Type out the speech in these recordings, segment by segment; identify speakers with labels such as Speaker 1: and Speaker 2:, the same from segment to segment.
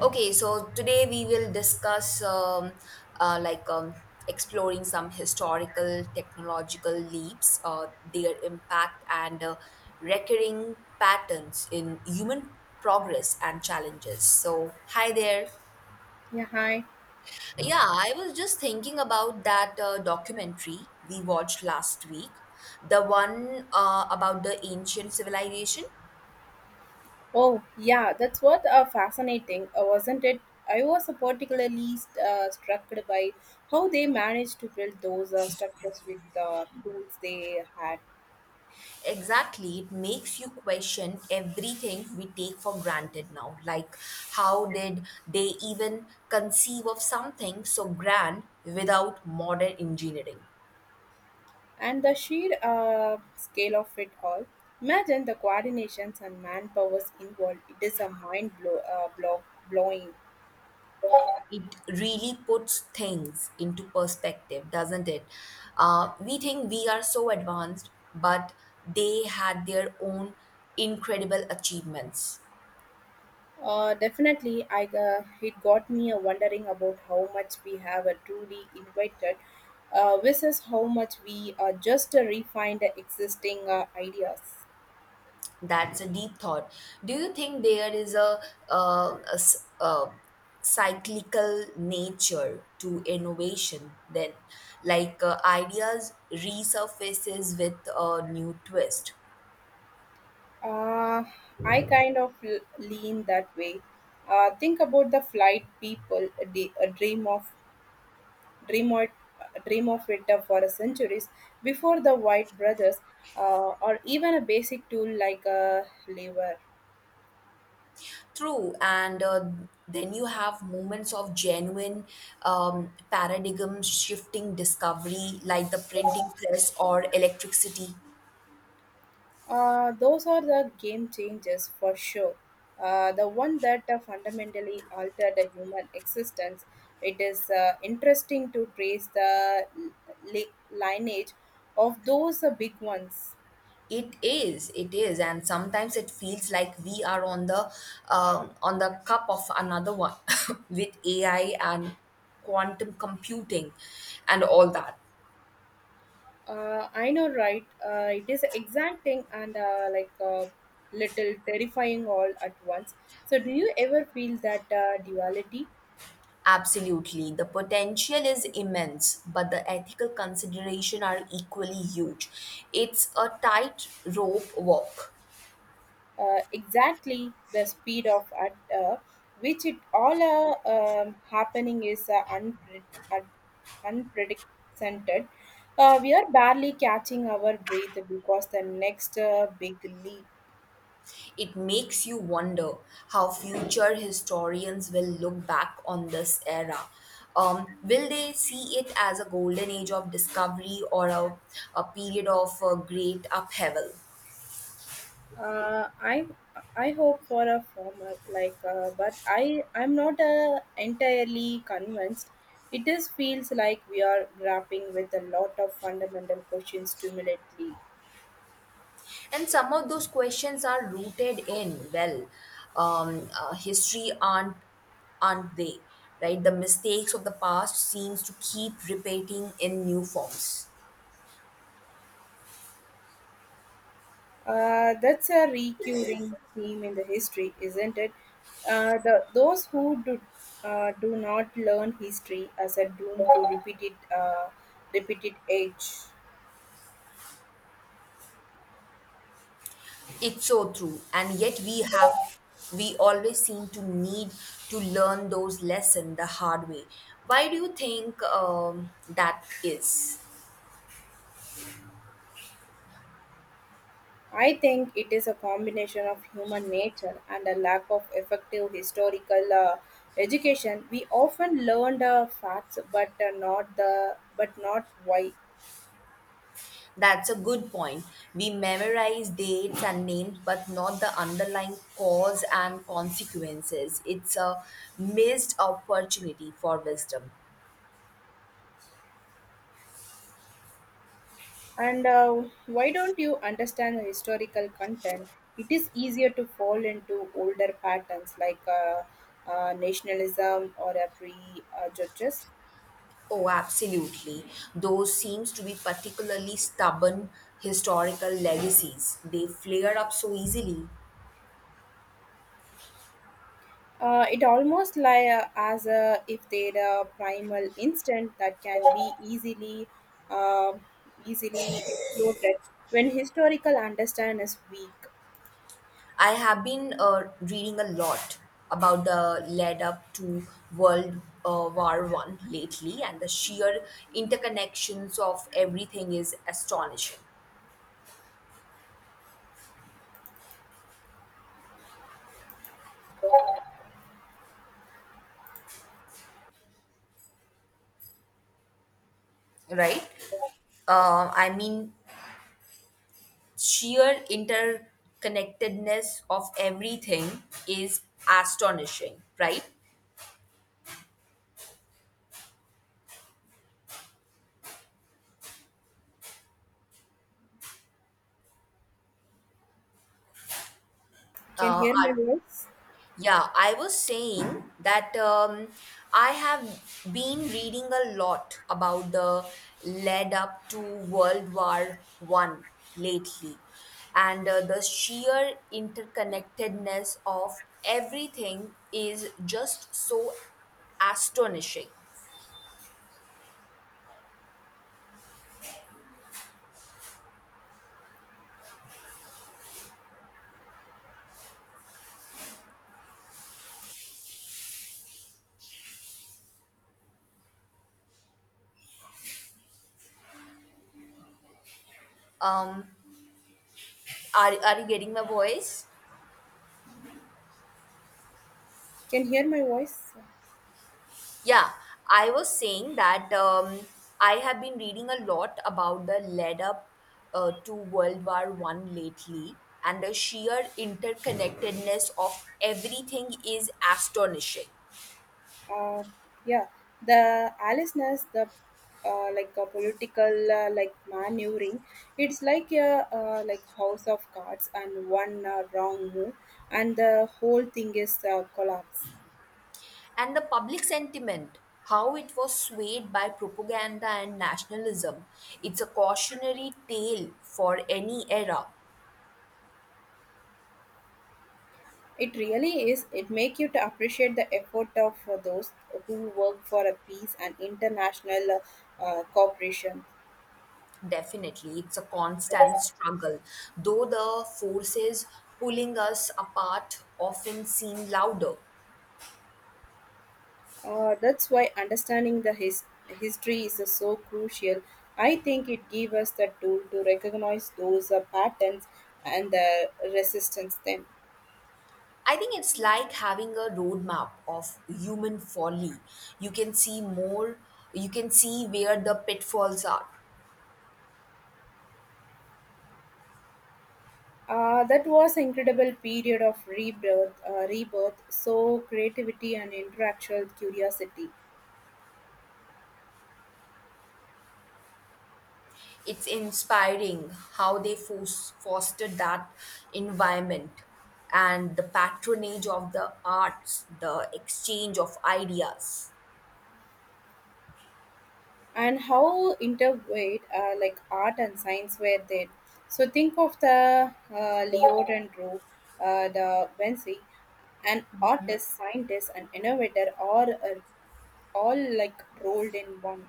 Speaker 1: Okay, so today we will discuss uh, like um, exploring some historical technological leaps, their impact, and recurring patterns in human progress and challenges. So, hi there.
Speaker 2: Yeah, hi.
Speaker 1: Yeah, I was just thinking about that documentary we watched last week, the one about the ancient civilization.
Speaker 2: Oh, yeah, that's what fascinating, wasn't it? I was particularly struck by how they managed to build those structures with the tools they had,
Speaker 1: Exactly. It makes you question everything we take for granted now. Like, how did they even conceive of something so grand without modern engineering?
Speaker 2: and the sheer scale of it all. Imagine the coordinations and manpowers involved. It is a blowing.
Speaker 1: It really puts things into perspective, doesn't it? We think we are so advanced, but they had their own incredible achievements.
Speaker 2: Definitely, I it got me a wondering about how much we have a truly invited, versus how much we just refined the existing ideas.
Speaker 1: That's a deep thought. Do you think there is a cyclical nature to innovation then, like ideas resurfaces with a new twist?
Speaker 2: Uh, I kind of lean that way. Think about the flight people a, day, a dream of dream or dream of it for centuries before the White brothers, or even a basic tool like a lever.
Speaker 1: True, and then you have moments of genuine paradigm shifting discovery like the printing press or electricity.
Speaker 2: Those are the game changers for sure. The one that fundamentally altered the human existence. It is interesting to trace the lineage of those big ones.
Speaker 1: It is, and sometimes it feels like we are on the on the cup of another one with AI and quantum computing and all that.
Speaker 2: I know, right? It is exacting and like a little terrifying all at once. So, do you ever feel that duality?
Speaker 1: Absolutely, the potential is immense, but the ethical consideration are equally huge. It's a tight rope walk.
Speaker 2: Exactly, the speed of at which it all happening is unprecedented. We are barely catching our breath because the next big leap.
Speaker 1: It makes you wonder how future historians will look back on this era. Will they see it as a golden age of discovery or a period of great upheaval?
Speaker 2: Uh, I I hope for a former like, but I'm not entirely convinced. It is feels like we are grappling with a lot of fundamental questions simultaneously.
Speaker 1: And some of those questions are rooted in, well, history aren't they, right? The mistakes of the past seems to keep repeating in new forms.
Speaker 2: That's a recurring theme in the history, isn't it? Those who do not learn history as a doomed to repeated age.
Speaker 1: It's so true. And yet we always seem to need to learn those lessons the hard way. Why do you think that is?
Speaker 2: I think it is a combination of human nature and a lack of effective historical education. We often learn the facts, but not the but not why.
Speaker 1: That's a good point. We memorize dates and names, but not the underlying cause and consequences. It's a missed opportunity for wisdom.
Speaker 2: And why don't you understand the historical content? It is easier to fall into older patterns like nationalism or a pre judges.
Speaker 1: Oh, absolutely. Those seems to be particularly stubborn historical legacies. They flare up so easily.
Speaker 2: It almost like as a, if they're a primal instinct that can be uh, easily exploited when historical understand is weak.
Speaker 1: I have been reading a lot about the lead up to World War One lately, and the sheer interconnections of everything is astonishing, right? I mean, sheer interconnectedness of everything is astonishing, right?
Speaker 2: Can
Speaker 1: Uh,
Speaker 2: hear my voice?
Speaker 1: Yeah, I was saying that I have been reading a lot about the lead up to World War One lately, and the sheer interconnectedness of everything is just so astonishing. Um, are you getting my voice?
Speaker 2: Can hear my voice?
Speaker 1: Yeah, I was saying that I have been reading a lot about the lead up to World War One lately, and the sheer interconnectedness of everything is astonishing.
Speaker 2: Uh, yeah, the Aliceness, the like a political like maneuvering, it's like a like house of cards, and one wrong move and the whole thing is collapse.
Speaker 1: And the public sentiment, how it was swayed by propaganda and nationalism, it's a cautionary tale for any era.
Speaker 2: It really is. It make you to appreciate the effort of those who work for a peace and international cooperation.
Speaker 1: Definitely, it's a constant struggle, though the forces pulling us apart often seem louder.
Speaker 2: That's why understanding the history is so crucial. I think it gives us the tool to recognize those patterns and the resistance them.
Speaker 1: I think it's like having a roadmap of human folly. You can see more, you can see where the pitfalls are.
Speaker 2: That was incredible period of rebirth, so creativity and intellectual curiosity,
Speaker 1: It's inspiring how they fostered that environment and the patronage of the arts, the exchange of ideas.
Speaker 2: and how intertwined like art and science were then. So think of the Leo Dendro, the Vinci, an artist, scientist, and innovator, or a all like rolled in one.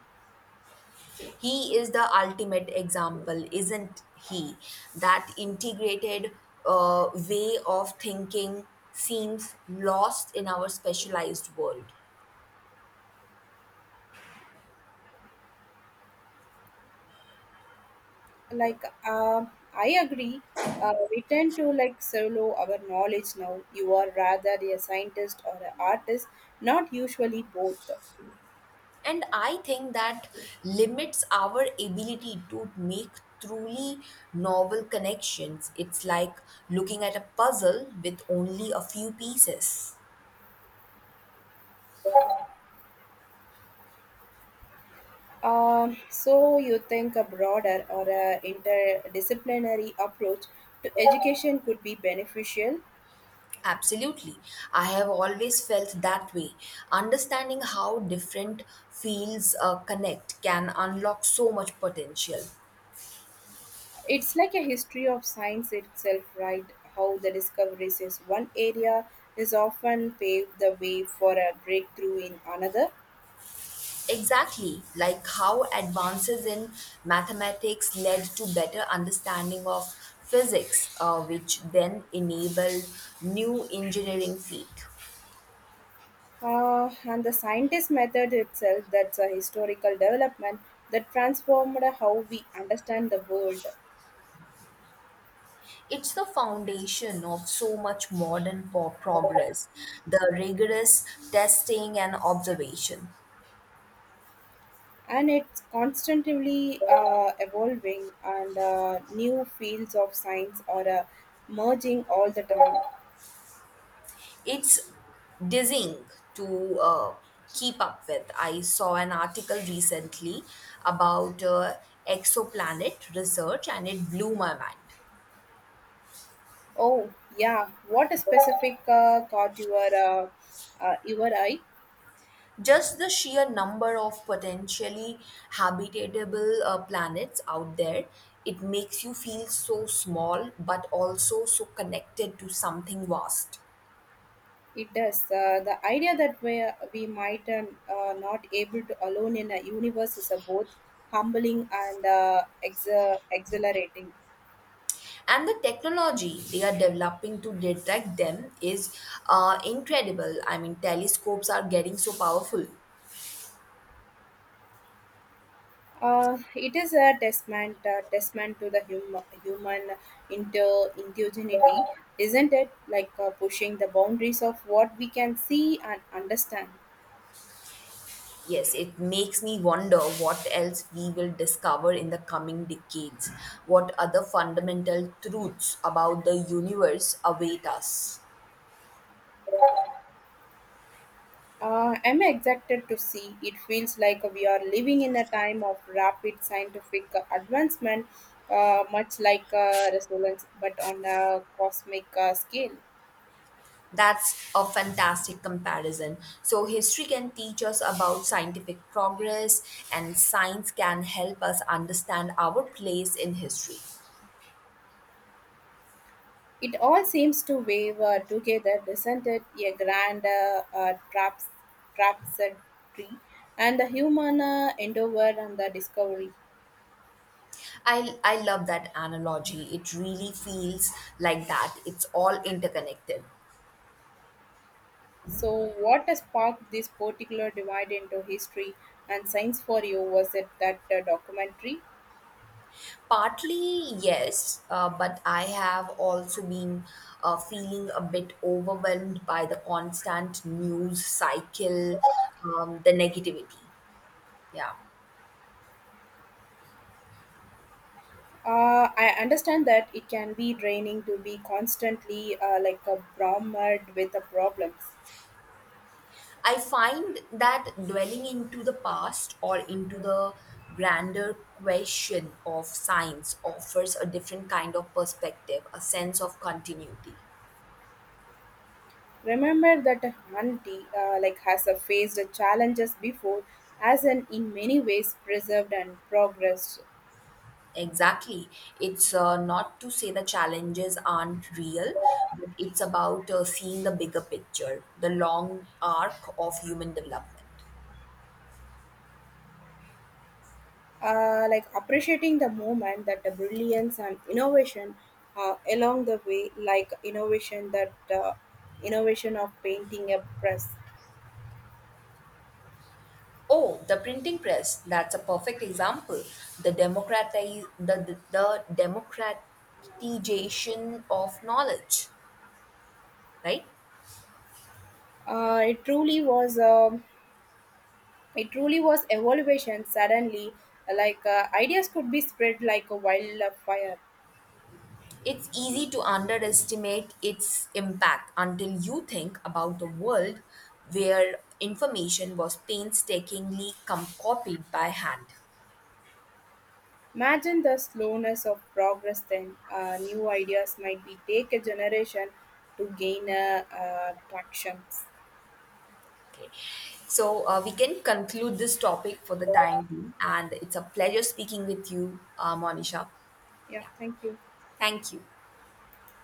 Speaker 1: He is the ultimate example, isn't he? That integrated way of thinking seems lost in our specialized world.
Speaker 2: Like, I agree. We tend to like solo our knowledge now. You are rather a scientist or an artist, not usually both.
Speaker 1: And I think that limits our ability to make truly novel connections. It's like looking at a puzzle with only a few pieces.
Speaker 2: So you think a broader or a interdisciplinary approach to education could be beneficial.
Speaker 1: Absolutely. I have always felt that way. Understanding how different fields connect can unlock so much potential.
Speaker 2: It's like a history of science itself, right? How the discoveries in one area is often paved the way for a breakthrough in another.
Speaker 1: Exactly, like how advances in mathematics led to better understanding of physics, which then enabled new engineering feat.
Speaker 2: And the scientist method itself, that's a historical development that transformed how we understand the world.
Speaker 1: It's the foundation of so much modern progress, the rigorous testing and observation.
Speaker 2: And it's constantly evolving, and new fields of science are merging all the time.
Speaker 1: It's dizzying to keep up with. I saw an article recently about exoplanet research and it blew my mind.
Speaker 2: Oh, yeah. What a specific caught your eye?
Speaker 1: Just the sheer number of potentially habitable planets out there, it makes you feel so small but also so connected to something vast.
Speaker 2: It does. The idea that we might not able to alone in a universe is a both humbling and exhilarating.
Speaker 1: And the technology they are developing to detect them is incredible. I mean, telescopes are getting so powerful.
Speaker 2: It is a testament to the human indigeneity, isn't it? Like pushing the boundaries of what we can see and understand.
Speaker 1: Yes, it makes me wonder what else we will discover in the coming decades. What other fundamental truths about the universe await us?
Speaker 2: I'm excited to see. It feels like we are living in a time of rapid scientific advancement, much like resonance, but on a cosmic scale.
Speaker 1: That's a fantastic comparison. So, history can teach us about scientific progress, and science can help us understand our place in history.
Speaker 2: It all seems to wave together, doesn't it? A grand tree, and the human endeavor and the discovery.
Speaker 1: I love that analogy. It really feels like that. It's all interconnected.
Speaker 2: So, what has sparked this particular divide into history and science for you? Was it that documentary?
Speaker 1: Partly, yes, but I have also been feeling a bit overwhelmed by the constant news cycle, the negativity. Yeah.
Speaker 2: I understand that it can be draining to be constantly like a bromide with the problems.
Speaker 1: I find that dwelling into the past or into the grander question of science offers a different kind of perspective, a sense of continuity.
Speaker 2: Remember that a Hundi like has faced challenges before, as an in many ways preserved and progressed.
Speaker 1: Exactly. It's not to say the challenges aren't real, but it's about seeing the bigger picture, the long arc of human development.
Speaker 2: Like appreciating the moment that the brilliance and innovation along the way, like innovation of painting a press.
Speaker 1: Oh, the printing press, that's a perfect example. The democratize the democratization of knowledge, right?
Speaker 2: It truly was. It truly was evolution suddenly, like ideas could be spread like a wildfire.
Speaker 1: It's easy to underestimate its impact until you think about a world where information was painstakingly copied by hand.
Speaker 2: Imagine the slowness of progress then. New ideas might be take a generation to gain traction.
Speaker 1: Okay. So we can conclude this topic for the time being, and it's a pleasure speaking with you, Monisha.
Speaker 2: Yeah,
Speaker 1: Yeah.
Speaker 2: thank you.
Speaker 1: Thank you.